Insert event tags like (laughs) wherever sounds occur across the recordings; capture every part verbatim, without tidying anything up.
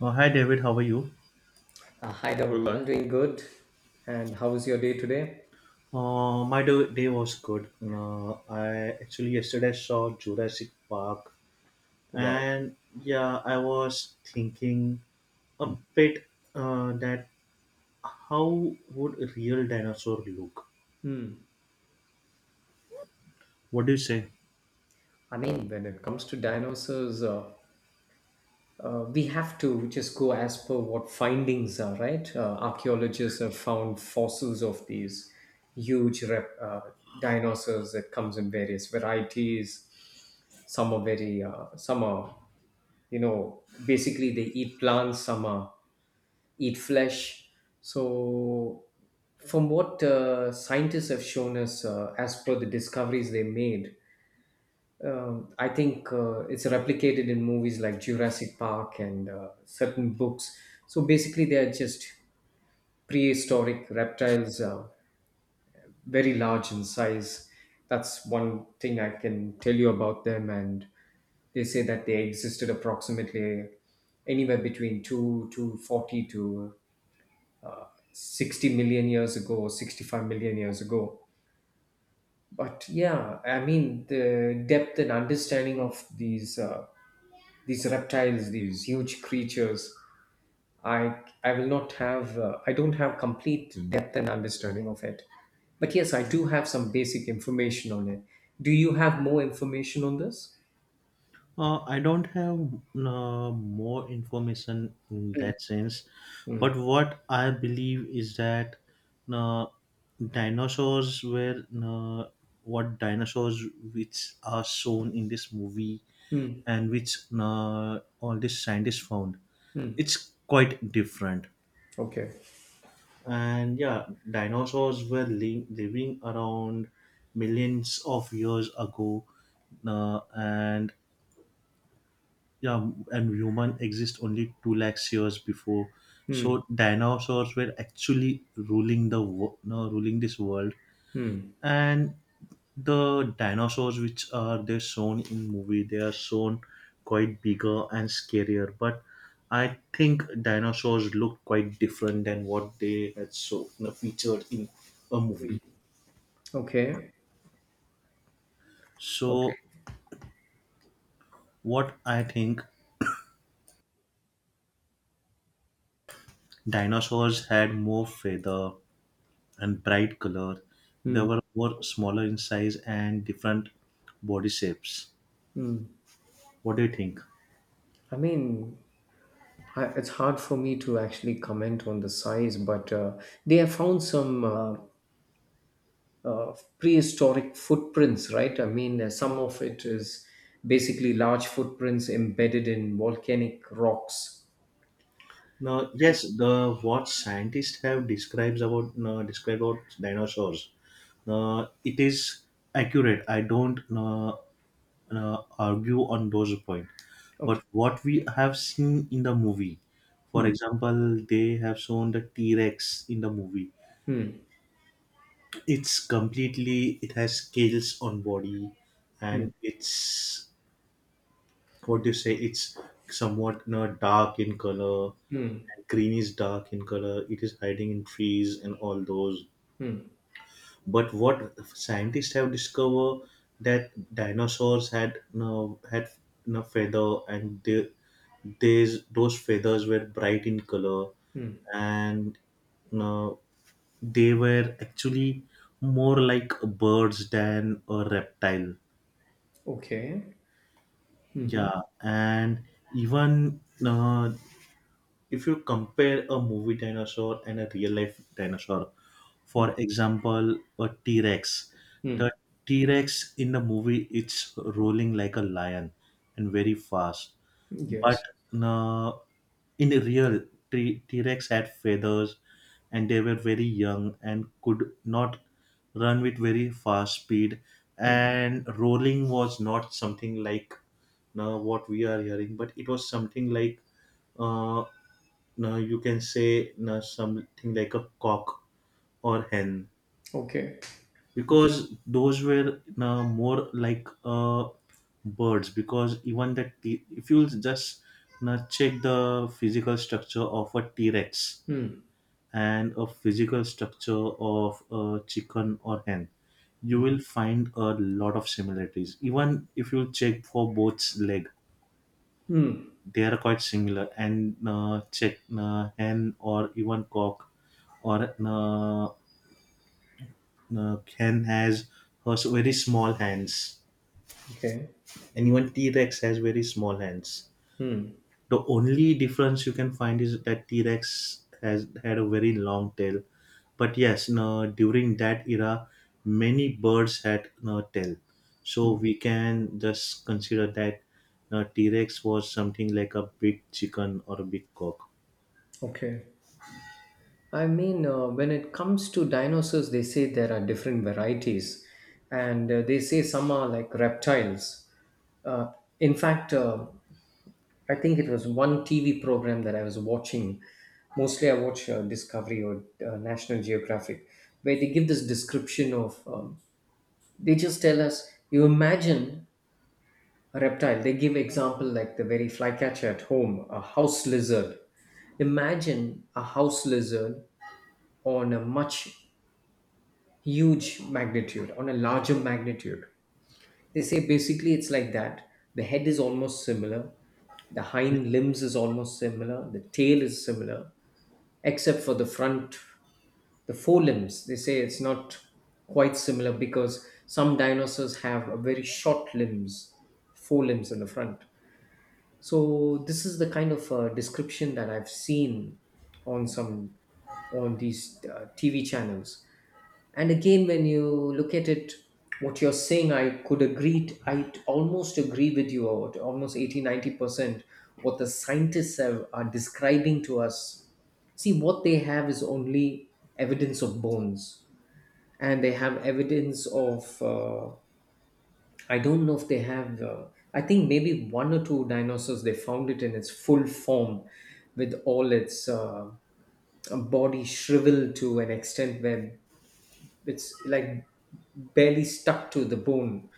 Uh, hi, David, how are you? Uh, hi, Rahul. I'm doing good. And how was your day today? Uh, my do- day was good. Uh, I actually yesterday saw Jurassic Park, Wow. and yeah, I was thinking a Hmm. bit, uh, that how would a real dinosaur look? Hmm. What do you say? I mean, when it comes to dinosaurs, uh, uh, we have to just go as per what findings are, right? Uh, archaeologists have found fossils of these huge rep, uh, dinosaurs that comes in various varieties. Some are very, uh, some are, you know, basically they eat plants. Some are eat flesh. So, from what uh, scientists have shown us, uh, as per the discoveries they made, um, I think uh, it's replicated in movies like Jurassic Park and uh, certain books. So basically, they are just prehistoric reptiles, uh, very large in size. That's one thing I can tell you about them. And they say that they existed approximately anywhere between two to forty to sixty million years ago, or sixty-five million years ago. But yeah, I mean, the depth and understanding of these. Uh, these reptiles, these huge creatures, i i will not have uh, I don't have complete depth and understanding of it, but yes, I do have some basic information on it. Do you have more information on this? Uh, I don't have uh, more information in that sense, Hmm. but what I believe is that, uh, dinosaurs were, uh, what dinosaurs which are shown in this movie Hmm. and which uh, all these scientists found. Hmm. It's quite different, Okay. and yeah, dinosaurs were li- living around millions of years ago, uh, and Yeah, and human exist only two lakhs years before. So Hmm. dinosaurs were actually ruling the wo- no, ruling this world, Hmm. and the dinosaurs which are they're shown in movie they are shown quite bigger and scarier. But I think dinosaurs look quite different than what they had so featured in a movie. Okay. So Okay. what I think, dinosaurs had more feather and bright color. They Hmm. were more smaller in size and different body shapes. Hmm. What do you think? i mean I, it's hard for me to actually comment on the size, but uh, they have found some uh, uh, prehistoric footprints, right? I mean, uh, some of it is basically large footprints embedded in volcanic rocks. Now, yes, the what scientists have describes about uh, described about dinosaurs. Uh, it is accurate. I don't uh, uh, argue on those point. Okay. But what we have seen in the movie, for Hmm. example, they have shown the T Rex in the movie. Hmm. It's completely. It has scales on body, Hmm. and it's, what do you say, it's somewhat, you know, dark in color, Hmm. and green is dark in color, it is hiding in trees and all those, Hmm. but what scientists have discovered, that dinosaurs had you know, had you know, feather, and they, these those feathers were bright in color, Hmm. and, you know, they were actually more like birds than a reptile. Okay. Mm-hmm. Yeah, and even, uh, if you compare a movie dinosaur and a real life dinosaur, Hmm. for example, a T Rex, the Hmm. T Rex in the movie, it's rolling like a lion and very fast, but, Yes. uh, in the real T Rex had feathers, and they were very young and could not run with very fast speed, Hmm. and rolling was not something like now what we are hearing, but it was something like, uh, now you can say now something like a cock or hen, Okay. because those were now more like, uh, birds, because even the t- if you just now check the physical structure of a t-rex Hmm. and a physical structure of a chicken or hen, you will find a lot of similarities, even if you check for both leg Hmm. they are quite similar, and uh, check uh, hen or even cock, or uh, uh, hen has has very small hands, Okay. and even t-rex has very small hands. Hmm. The only difference you can find is that t-rex has had a very long tail, but yes, no, during that era many birds had no tail, so we can just consider that, no, t-rex was something like a big chicken or a big cock. Okay. I mean, uh, when it comes to dinosaurs, they say there are different varieties, and uh, they say some are like reptiles. Uh, in fact, uh, I think it was one T V program that I was watching. Mostly, I watch uh, Discovery or uh, National Geographic, where they give this description of. Um, they just tell us, you imagine a reptile. They give example like the very flycatcher at home, a house lizard. Imagine a house lizard on a much huge magnitude, on a larger magnitude. They say basically it's like that. The head is almost similar, the hind limbs is almost similar, the tail is similar, except for the front, the forelimbs. They say it's not quite similar because some dinosaurs have a very short limbs, forelimbs in the front. So this is the kind of uh, description that I've seen on some on these uh, T V channels. And again, when you look at it, what you're saying, I could agree, t- I t- almost agree with you, or to almost eighty, ninety percent what the scientists have, are describing to us. See, what they have is only evidence of bones, and they have evidence of, uh, I don't know if they have, uh, I think maybe one or two dinosaurs, they found it in its full form with all its uh, body shriveled to an extent where it's like barely stuck to the bone.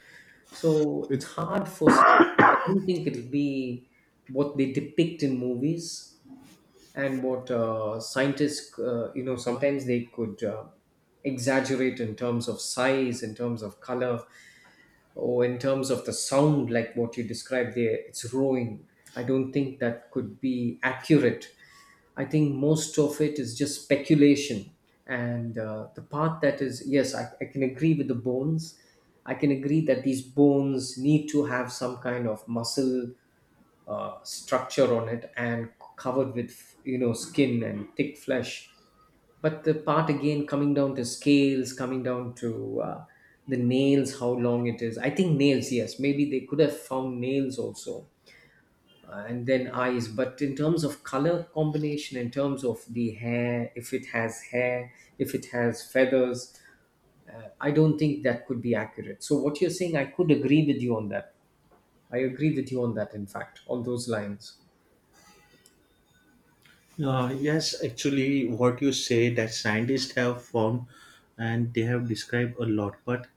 So it's It's hard for some. I don't think it'll be what they depict in movies and what uh, scientists, uh, you know, sometimes they could uh, exaggerate in terms of size, in terms of color. Oh, in terms of the sound, like what you described there, it's roaring. I don't think that could be accurate. I think most of it is just speculation. And uh, the part that is, yes, I, I can agree with the bones. I can agree that these bones need to have some kind of muscle uh, structure on it, and covered with, you know, skin and thick flesh, but the part again, coming down to scales, coming down to uh, the nails, how long it is. I think nails, yes, maybe they could have found nails also, uh, and then eyes. But in terms of color combination, in terms of the hair, if it has hair, if it has feathers, I don't think that could be accurate. So what you're saying, I could agree with you on that. I agree with you on that, in fact, on those lines. Uh, yes, actually, what you say that scientists have found and they have described a lot, but,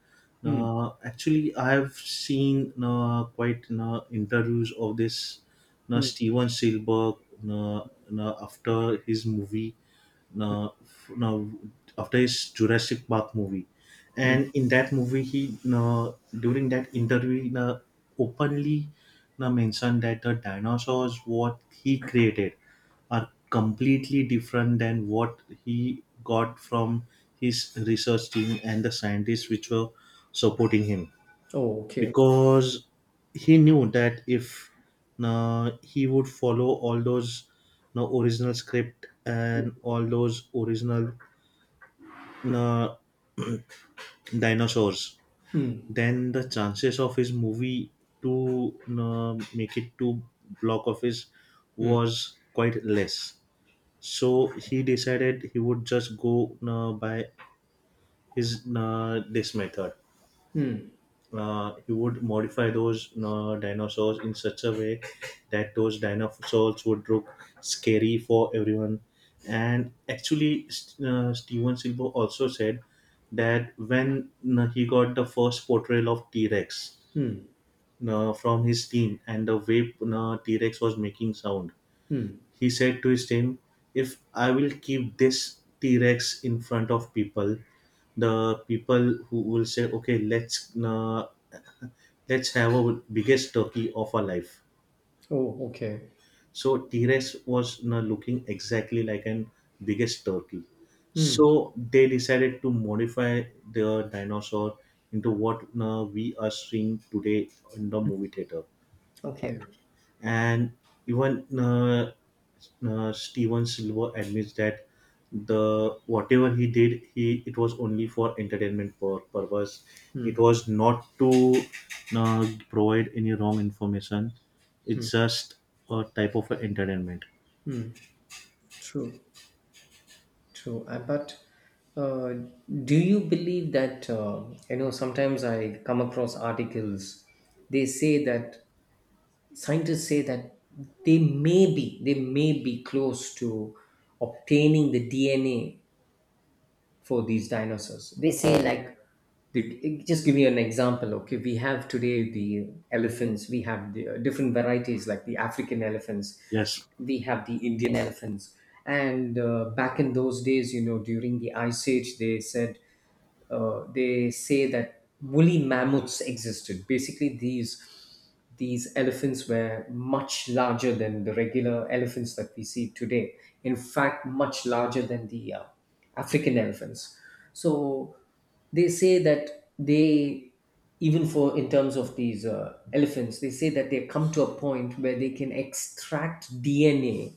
Hmm. uh, actually, I have seen uh, quite uh, interviews of this uh, Hmm. Steven Spielberg, uh, uh, after his movie, uh, f- uh, after his Jurassic Park movie, Hmm. and in that movie, he, uh, during that interview he, uh, openly uh, mentioned that the dinosaurs what he created are completely different than what he got from his research team and the scientists which were supporting him, Oh, okay. because he knew that if, uh, he would follow all those uh, original script and all those original, uh, dinosaurs, Hmm. then the chances of his movie to uh, make it to block office Hmm. was quite less, so he decided he would just go, uh, by his, uh, this method. Hmm. Uh, he would modify those uh, dinosaurs in such a way that those dinosaurs would look scary for everyone. And actually St- uh, Steven Silva also said that when, uh, he got the first portrayal of t-rex, Hmm. uh, from his team and the way, uh, t-rex was making sound, Hmm. he said to his team, "If I will keep this T Rex in front of people, the people who will say, 'Okay, let's, uh, (laughs) let's have a biggest turkey of our life.'" Oh, okay. So T Rex was now looking exactly like an biggest turkey. Hmm. So they decided to modify the dinosaur into what now we are seeing today in the movie theater. Okay, And even, uh, uh, Steven Silver admits that the whatever he did, he it was only for entertainment pur- purpose. It was not to uh, provide any wrong information. It's just a type of entertainment. true, true. Uh, But uh, do you believe that, uh, you know, sometimes I come across articles. They say that scientists say that they may be, they may be close to obtaining the D N A for these dinosaurs. They say, like, the, just give me an example. Okay, we have today the elephants, we have the uh, different varieties like the African elephants. Yes. We have the Indian elephants. And uh, back in those days, you know, during the Ice Age, they said uh, they say that woolly mammoths existed. Basically, these these elephants were much larger than the regular elephants that we see today. In fact, much larger than the uh, African elephants. So they say that they even for in terms of these uh, elephants, they say that they come to a point where they can extract D N A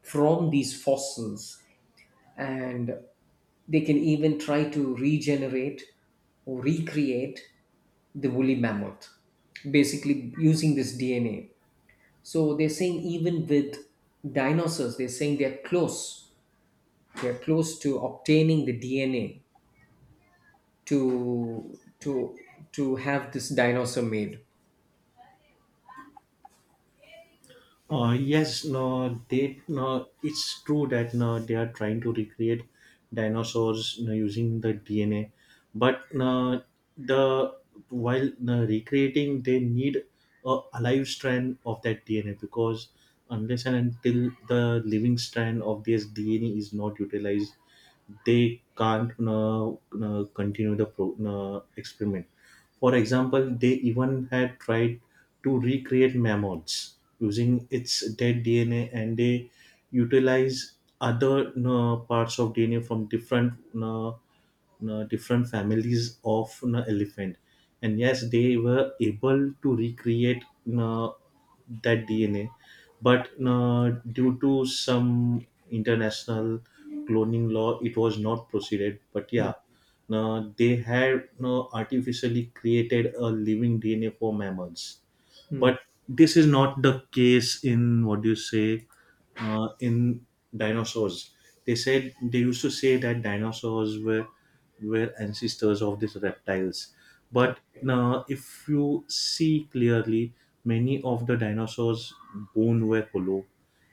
from these fossils, and they can even try to regenerate or recreate the woolly mammoth basically using this D N A. So they're saying, even with dinosaurs they're saying, they're close, they're close to obtaining the dna to to to have this dinosaur made. Uh, yes, no, they, no. It's true that, no, they are trying to recreate dinosaurs, no, using the D N A, but, no, the, while, no, recreating, they need a alive strand of that D N A, because unless and until the living strand of this D N A is not utilized, they can't, no, no, continue the pro, no, experiment. For example, they even had tried to recreate mammoths using its dead D N A, and they utilize other uh, parts of D N A from different uh, uh, different families of an elephant, and yes they were able to recreate, uh, that D N A, but, uh, due to some international cloning law it was not proceeded, but yeah, uh, they had uh, artificially created a living D N A for mammals, Hmm. but this is not the case in, what do you say, uh, in dinosaurs. They said they used to say that dinosaurs were were ancestors of these reptiles, but Okay. now if you see clearly many of the dinosaurs bone were hollow,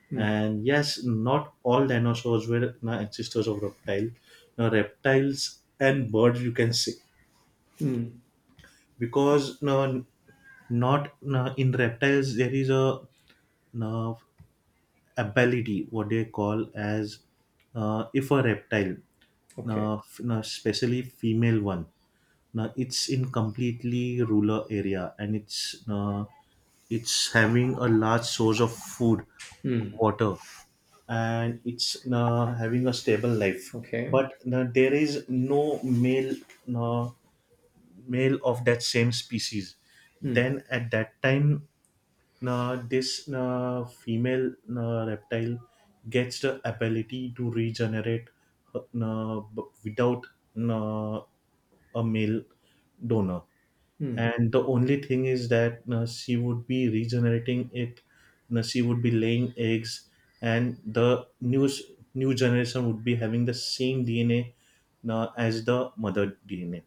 Hmm. and yes, not all dinosaurs were na ancestors of reptile. Now reptiles and birds you can say, Hmm. because, no, not no, in reptiles there is a, no, ability what they call as, uh, if a reptile, Okay. no, f- no, especially female one, now it's in completely rural area and it's, no, it's having a large source of food, Hmm. water, and it's uh, having a stable life, Okay. but, uh, there is no male, uh, male of that same species, Hmm. then at that time, uh, this uh, female uh, reptile gets the ability to regenerate, uh, uh, b- without, uh, a male donor, Hmm. and the only thing is that, uh, she would be regenerating it, uh, she would be laying eggs, and the new s- new generation would be having the same D N A, uh, as the mother D N A,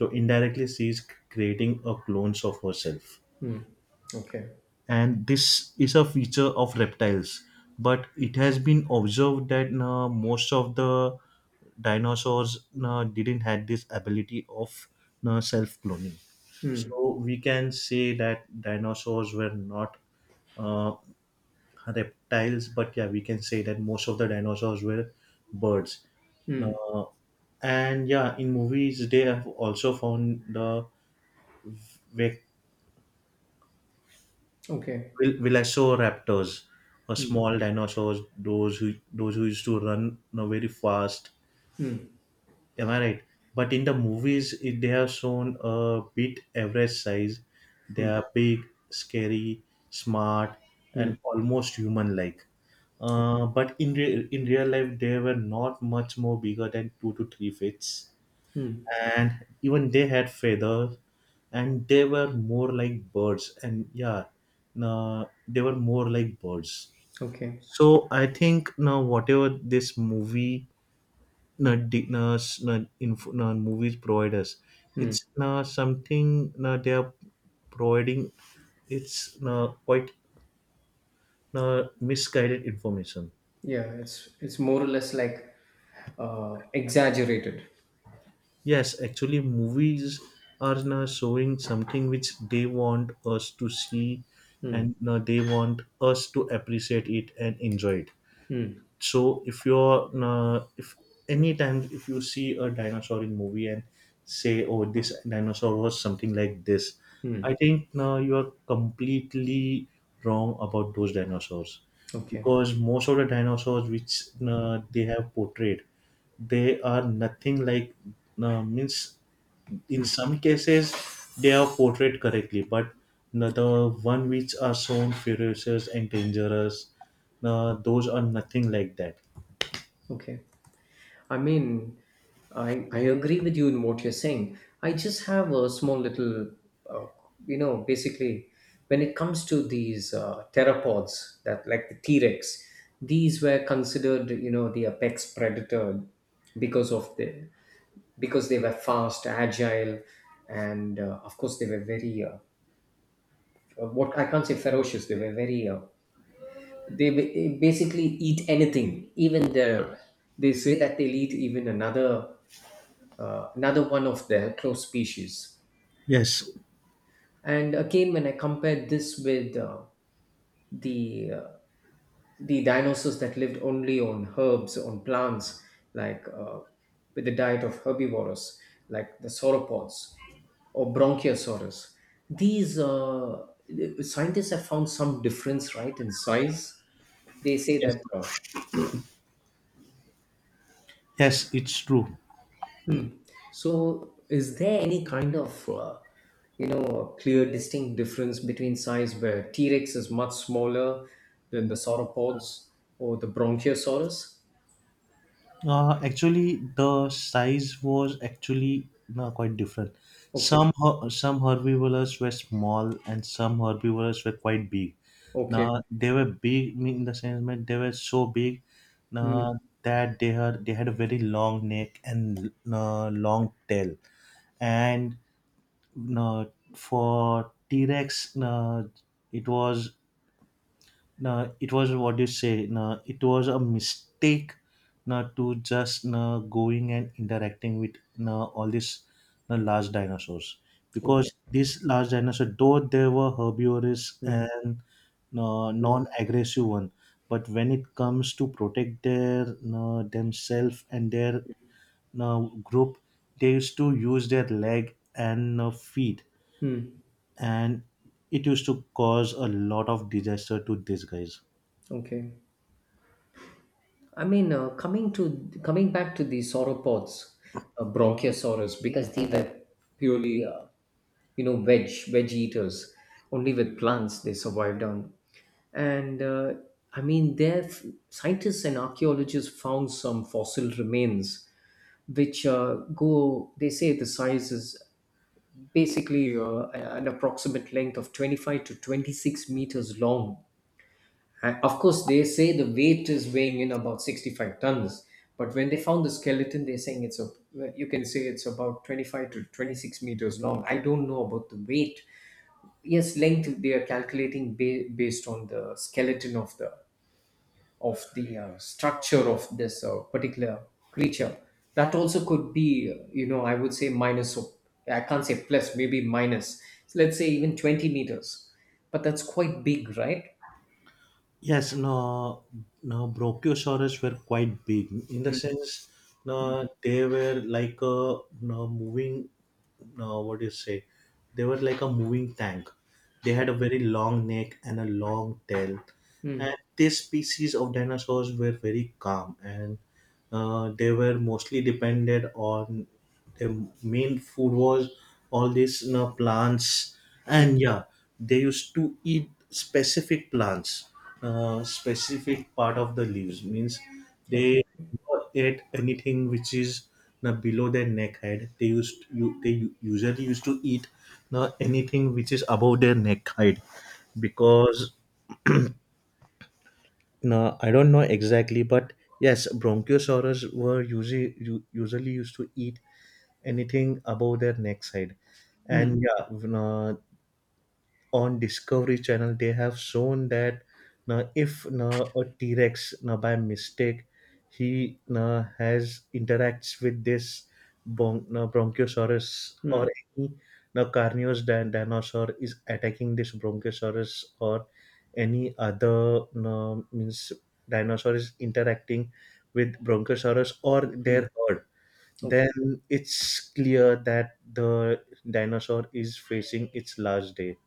so indirectly she is creating a clones of herself, Hmm. Okay. and this is a feature of reptiles. But it has been observed that, uh, most of the dinosaurs uh, didn't had this ability of uh, self cloning, Hmm. so we can say that dinosaurs were not uh, reptiles, but yeah, we can say that most of the dinosaurs were birds, Hmm. uh, and yeah, in movies they have also found the Okay. vil- velociraptors or Hmm. small dinosaurs, those who those who used to run, you know, very fast. Am I right? But in the movies, it, they have shown a bit average size. They are big, scary, smart, Hmm. and almost human-like. Uh, but in re- in real life, they were not much more bigger than two to three feet, Hmm. and even they had feathers, and they were more like birds, and yeah, no, they were more like birds. Okay. So I think now whatever this movie, no, di- no, s- no, inf- no, movies provide us, Hmm. it's, no, something, no, they are providing, it's, no, quite, no, misguided information. Yeah, it's it's more or less like uh, exaggerated. Yes, actually, movies are now showing something which they want us to see, Hmm. and now they want us to appreciate it and enjoy it. Hmm. So if you're, uh, if anytime if you see a dinosaur in movie and say, "Oh, this dinosaur was something like this," Hmm. I think now you are completely wrong about those dinosaurs, Okay. because most of the dinosaurs which, uh, they have portrayed, they are nothing like, uh, means, in some cases they are portrayed correctly, but the, the one which are shown ferocious and dangerous, uh, those are nothing like that. Okay. I mean, I I agree with you in what you're saying. I just have a small little, uh, you know, basically, when it comes to these uh, pteropods that like the T Rex, these were considered, you know, the apex predator because of the because they were fast, agile, and uh, of course they were very uh, uh, what I can't say ferocious. They were very. Uh, they ba- basically eat anything. Even the They say that they'll eat even another uh, another one of their close species. Yes. And again, when I compared this with uh, the uh, the dinosaurs that lived only on herbs, on plants, like uh, with the diet of herbivores, like the sauropods or bronchiosaurus, these uh, scientists have found some difference, right, in size. They say Yes. that uh, Yes, it's true. so is there any kind of uh, you know clear, distinct difference between size, where T-Rex is much smaller than the sauropods or the bronchiosaurus? Uh, actually, the size was actually, no, quite different. Okay. Some her- some herbivores were small and some herbivores were quite big. Okay. Now they were big mean in the sense that they were so big Hmm. now that they had they had a very long neck and uh, long tail. And, uh, for T Rex, uh, it was, nah, it was what you say. Nah, it was a mistake nah, to just nah, going and interacting with nah, all these nah, large dinosaurs, Okay. because these large dinosaurs, though they were herbivorous Hmm. and nah, Hmm. non-aggressive one, but when it comes to protect their nah, themselves and their nah, group, they used to use their leg and nah, feet, Hmm. and it used to cause a lot of disaster to these guys. Okay. I mean, uh, coming to coming back to the sauropods, uh, bronchiosaurus, because they were purely, uh, you know veg veg eaters, only with plants they survived on. And uh, I mean, there scientists and archaeologists found some fossil remains which uh, go, they say the size is basically uh, an approximate length of twenty-five to twenty-six meters long, and of course they say the weight is weighing in about sixty-five tons. But when they found the skeleton, they're saying it's a, you can say it's about twenty-five to twenty-six meters long. I don't know about the weight. Yes, length they are calculating ba- based on the skeleton of the of the uh, structure of this uh, particular creature. That also could be uh, you know I would say minus, or I can't say plus, maybe minus. So let's say even twenty meters, but that's quite big, right? Yes, no, no, brachiosaurus were quite big in the Mm, sense, mm, no, they were like a no moving, no, what do you say? They were like a moving tank. They had a very long neck and a long tail, and mm, this species of dinosaurs were very calm and uh, they were mostly depended on their main food was all these you know, plants mm. and yeah. They used to eat specific plants, uh, specific part of the leaves means Okay. they never ate anything which is you know, below their neck height. They used you they u- usually used to eat you know, anything which is above their neck height, because no, I don't know exactly, but yes, Bronchiosaurus were usually usually used to eat anything above their neck side. Mm, And yeah, when, uh, on Discovery Channel, they have shown that now if now a T Rex now by mistake he now has interacts with this bon- now Bronchiosaurus, or mm, any now carnivorous din- dinosaur is attacking this Bronchiosaurus, or any other now means dinosaur is interacting with Bronchiosaurus or their herd, okay. then it's clear that the dinosaur is facing its last day,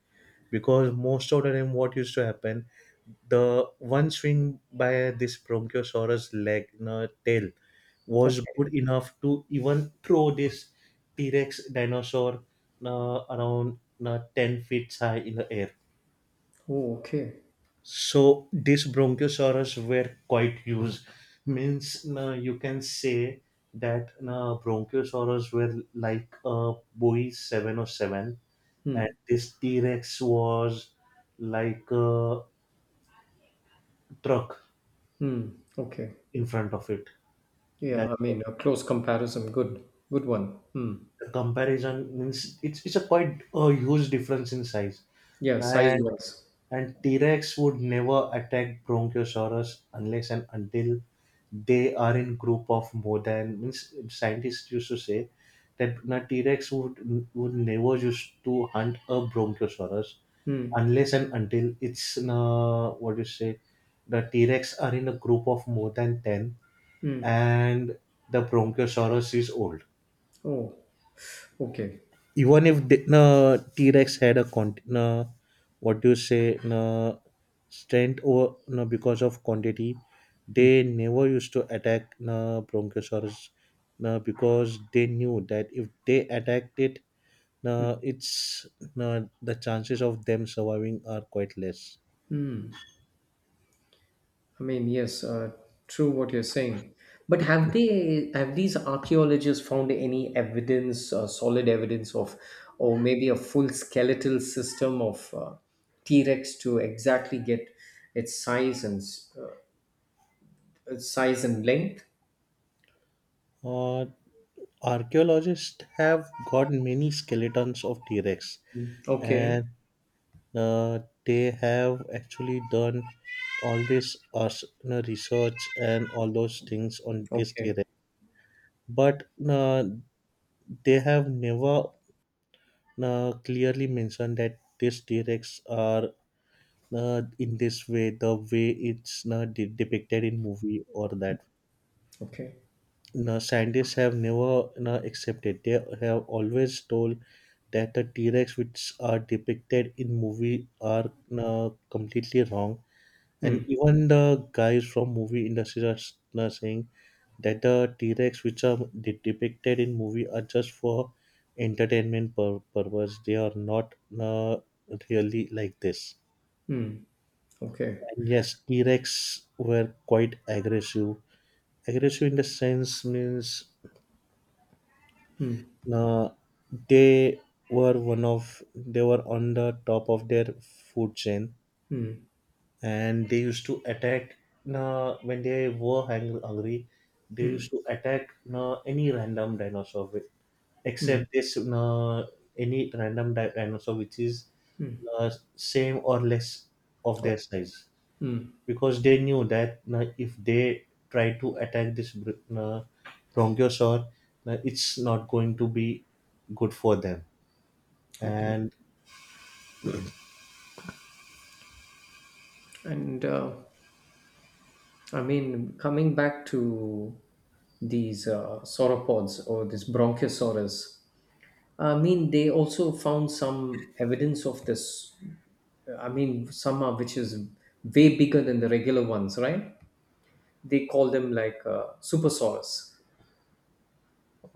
because most of the time what used to happen, the one swing by this bronchiosaurus leg no, tail was Okay, good enough to even throw this T-rex dinosaur uh, around uh, 10 feet high in the air. oh, okay. So these bronchiosaurus were quite used. Means uh, you can say that uh, bronchiosaurus were like a Boeing seven zero seven, and Mm, this T-Rex was like a truck mm, okay. in front of it. Yeah, That's I what mean, a close comparison. Good. Good one. Mm. the comparison means. It's, it's a quite a huge difference in size. Yeah, size And wise. And T Rex would never attack Bronchiosaurus unless and until they are in group of more than, means scientists used to say that na T Rex would would never used to hunt a Bronchiosaurus unless and until it's uh, what you say, the T Rex are in a group of more than ten, Hmm. and the Bronchiosaurus is old. Oh, okay. Even if the no, T-Rex had a con- no, what do you say, no, strength or no, because of quantity, they never used to attack no, Bronchosaurus, no, because they knew that if they attacked it, no, it's no, the chances of them surviving are quite less. I mean, yes, uh, true what you're saying. But have they have these archaeologists found any evidence, uh, solid evidence of, or maybe a full skeletal system of uh, T. Rex to exactly get its size and s- uh, its size and length? Uh, Archaeologists have got many skeletons of T-Rex, Okay. and uh, they have actually done all this uh, s- uh, research and all those things on this Okay. theory. But uh, they have never uh, clearly mentioned that these T-Rex are uh, in this way, the way it's uh, de- depicted in movie or that. Okay. No, scientists have never no, accepted. They have always told that the T-Rex which are depicted in movie are no, completely wrong. And Hmm. even the guys from movie industries are, s- are saying that the T-Rex which are de- depicted in movie are just for entertainment pur- purpose. They are not uh, really like this. Hmm. Okay. And yes, T-Rex were quite aggressive. Aggressive in the sense means Hmm. uh, they were one of they were on the top of their food chain, Hmm. and they used to attack uh, when they were hang- hungry. They used to attack uh, any random dinosaur with- Hmm. except this uh, any random di- dinosaur which is uh, same or less of Oh, their size, hmm. because they knew that uh, if they try to attack this br- uh, bronchiosaur, uh, it's not going to be good for them. Okay. And And uh, I mean, coming back to these uh, sauropods or this Bronchiosaurus, I mean, they also found some evidence of this. I mean, some are which is way bigger than the regular ones, right? They call them like uh, Supersaurus.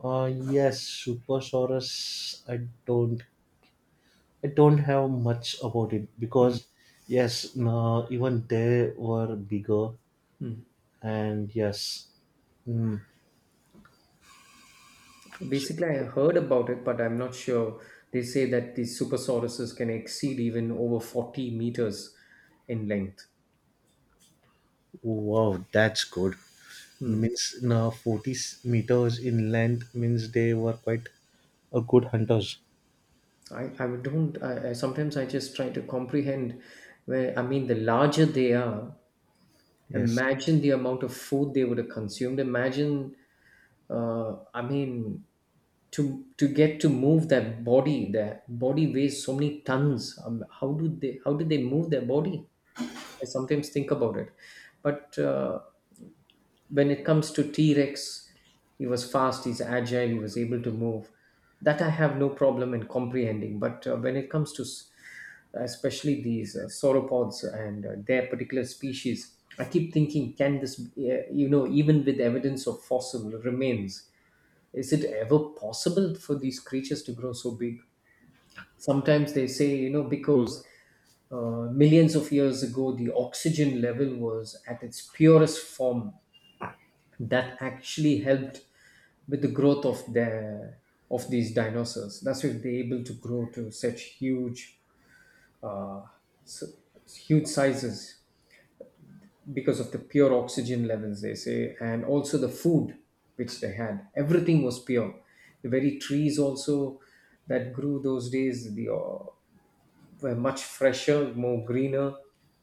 uh, yes, supersaurus, i don't I don't have much about it Hmm. because, yes, no, even they were bigger, and yes, mm, so, Basically, I heard about it, but I'm not sure. They say that these Supersauruses can exceed even over forty meters in length. wow, that's good. Hmm. Means no, forty s- meters in length means they were quite a good hunters. I, I would don't I, I sometimes I just try to comprehend where, I mean, the larger they are, Yes. imagine the amount of food they would have consumed. Imagine uh, I mean, to to get to move that body. That body weighs so many tons. Um, how do they how do they move their body? I sometimes think about it, but. Uh, when it comes to T-Rex, he was fast, he's agile, he was able to move. That I have no problem in comprehending. But uh, when it comes to s- especially these uh, sauropods and uh, their particular species, I keep thinking, can this, uh, you know, even with evidence of fossil remains, is it ever possible for these creatures to grow so big? Sometimes they say, you know, because uh, millions of years ago, the oxygen level was at its purest form, that actually helped with the growth of their of these dinosaurs. That's why they're able to grow to such huge, uh, s- huge sizes, because of the pure oxygen levels, they say, and also the food which they had. Everything was pure. The very trees also that grew those days, the, uh, were much fresher, more greener.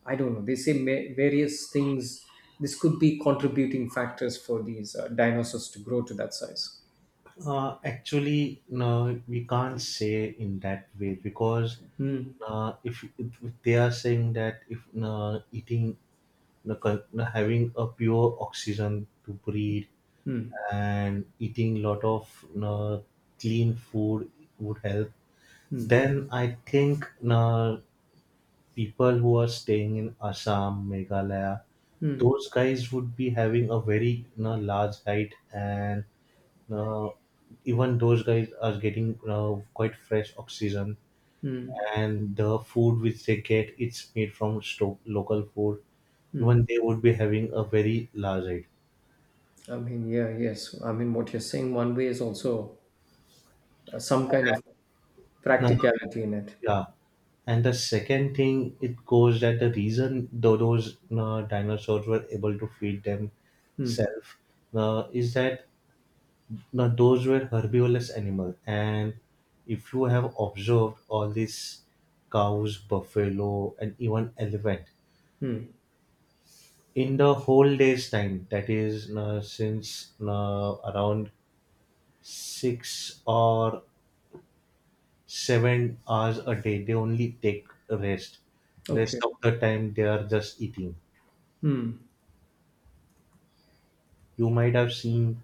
I don't know. They say ma- various things. This could be contributing factors for these uh, dinosaurs to grow to that size. Uh, actually, no, we can't say in that way, because Hmm. uh, if, if they are saying that if uh, eating, uh, con- uh, having a pure oxygen to breathe Hmm. and eating lot of uh, clean food would help, then i think uh, people who are staying in assam meghalaya, Hmm. those guys would be having a very you know, large diet, and you know, even those guys are getting you know, quite fresh oxygen, Hmm. and the food which they get, it's made from sto- local food, even they would be having a very large diet I mean, yeah, yes. I mean, what you're saying one way is also uh, some kind of now. practicality in it. Yeah. And the second thing it goes that the reason tho- those uh, dinosaurs were able to feed Hmm. themselves uh, is that uh, those were herbivorous animals. And if you have observed all these cows, buffalo, and even elephant, Hmm. in the whole day's time, that is uh, since uh, around six or seven hours a day, they only take rest. Rest Okay. of the time they are just eating. Hmm. You might have seen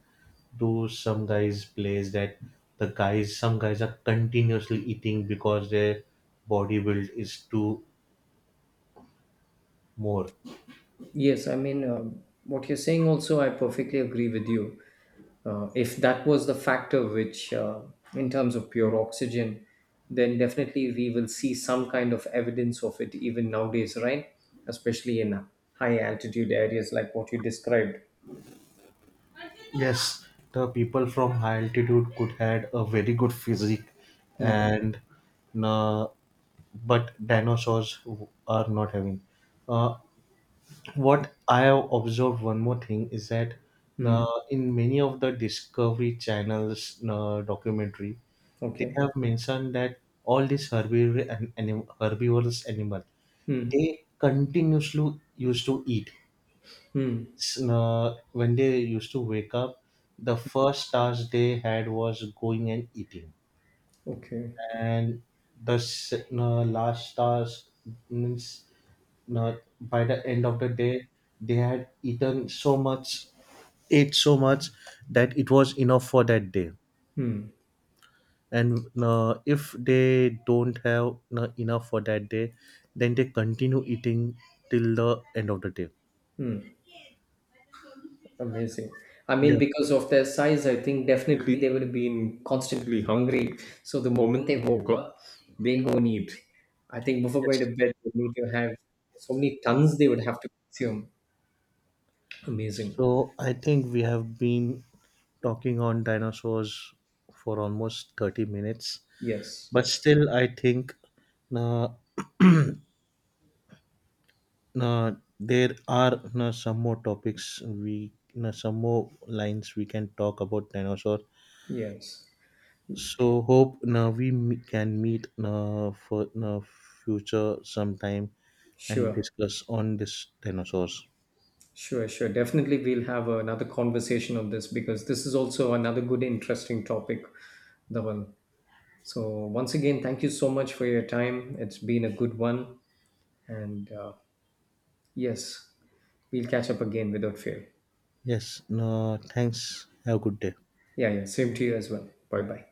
to some guys' plays that the guys, some guys are continuously eating because their body build is too more. Yes, I mean, um what you're saying also, I perfectly agree with you. Uh, if that was the factor which, uh, in terms of pure oxygen, then definitely we will see some kind of evidence of it even nowadays, right? Especially in uh, high altitude areas like what you described. Yes, the people from high altitude could had a very good physique, Hmm. and uh, but dinosaurs are not having. Uh, what I have observed one more thing is that uh, Hmm. in many of the Discovery Channel's uh, documentary, they Okay. have mentioned that all these herbivore and anim- herbivorous animal, Hmm. they continuously used to eat. Hmm. S- Uh, when they used to wake up, the first task they had was going and eating, Okay, and the s- uh, last task means, now, by the end of the day they had eaten so much, ate so much that it was enough for that day. And uh, if they don't have uh, enough for that day, then they continue eating till the end of the day. amazing. I Yeah. mean, because of their size, I think definitely they would have been constantly hungry. So the moment they woke up, they go and eat. I think before going to Yes, bed, they need to have so many tons they would yes, have to consume. Amazing. so i think we have been talking on dinosaurs for almost thirty minutes. Yes, But yes, still i think uh, uh, there are you some more topics we you some more lines we can talk about dinosaur. yes. So hope now we me- can meet now for now future sometime, and Sure, discuss on this dinosaurs. sure, sure. Definitely, we'll have another conversation on this because this is also another good, interesting topic, Dhaval. So, once again, thank you so much for your time. It's been a good one. And, uh, yes, we'll catch up again without fail. Yes, no, thanks, have a good day. Yeah, yeah, same to you as well. Bye bye.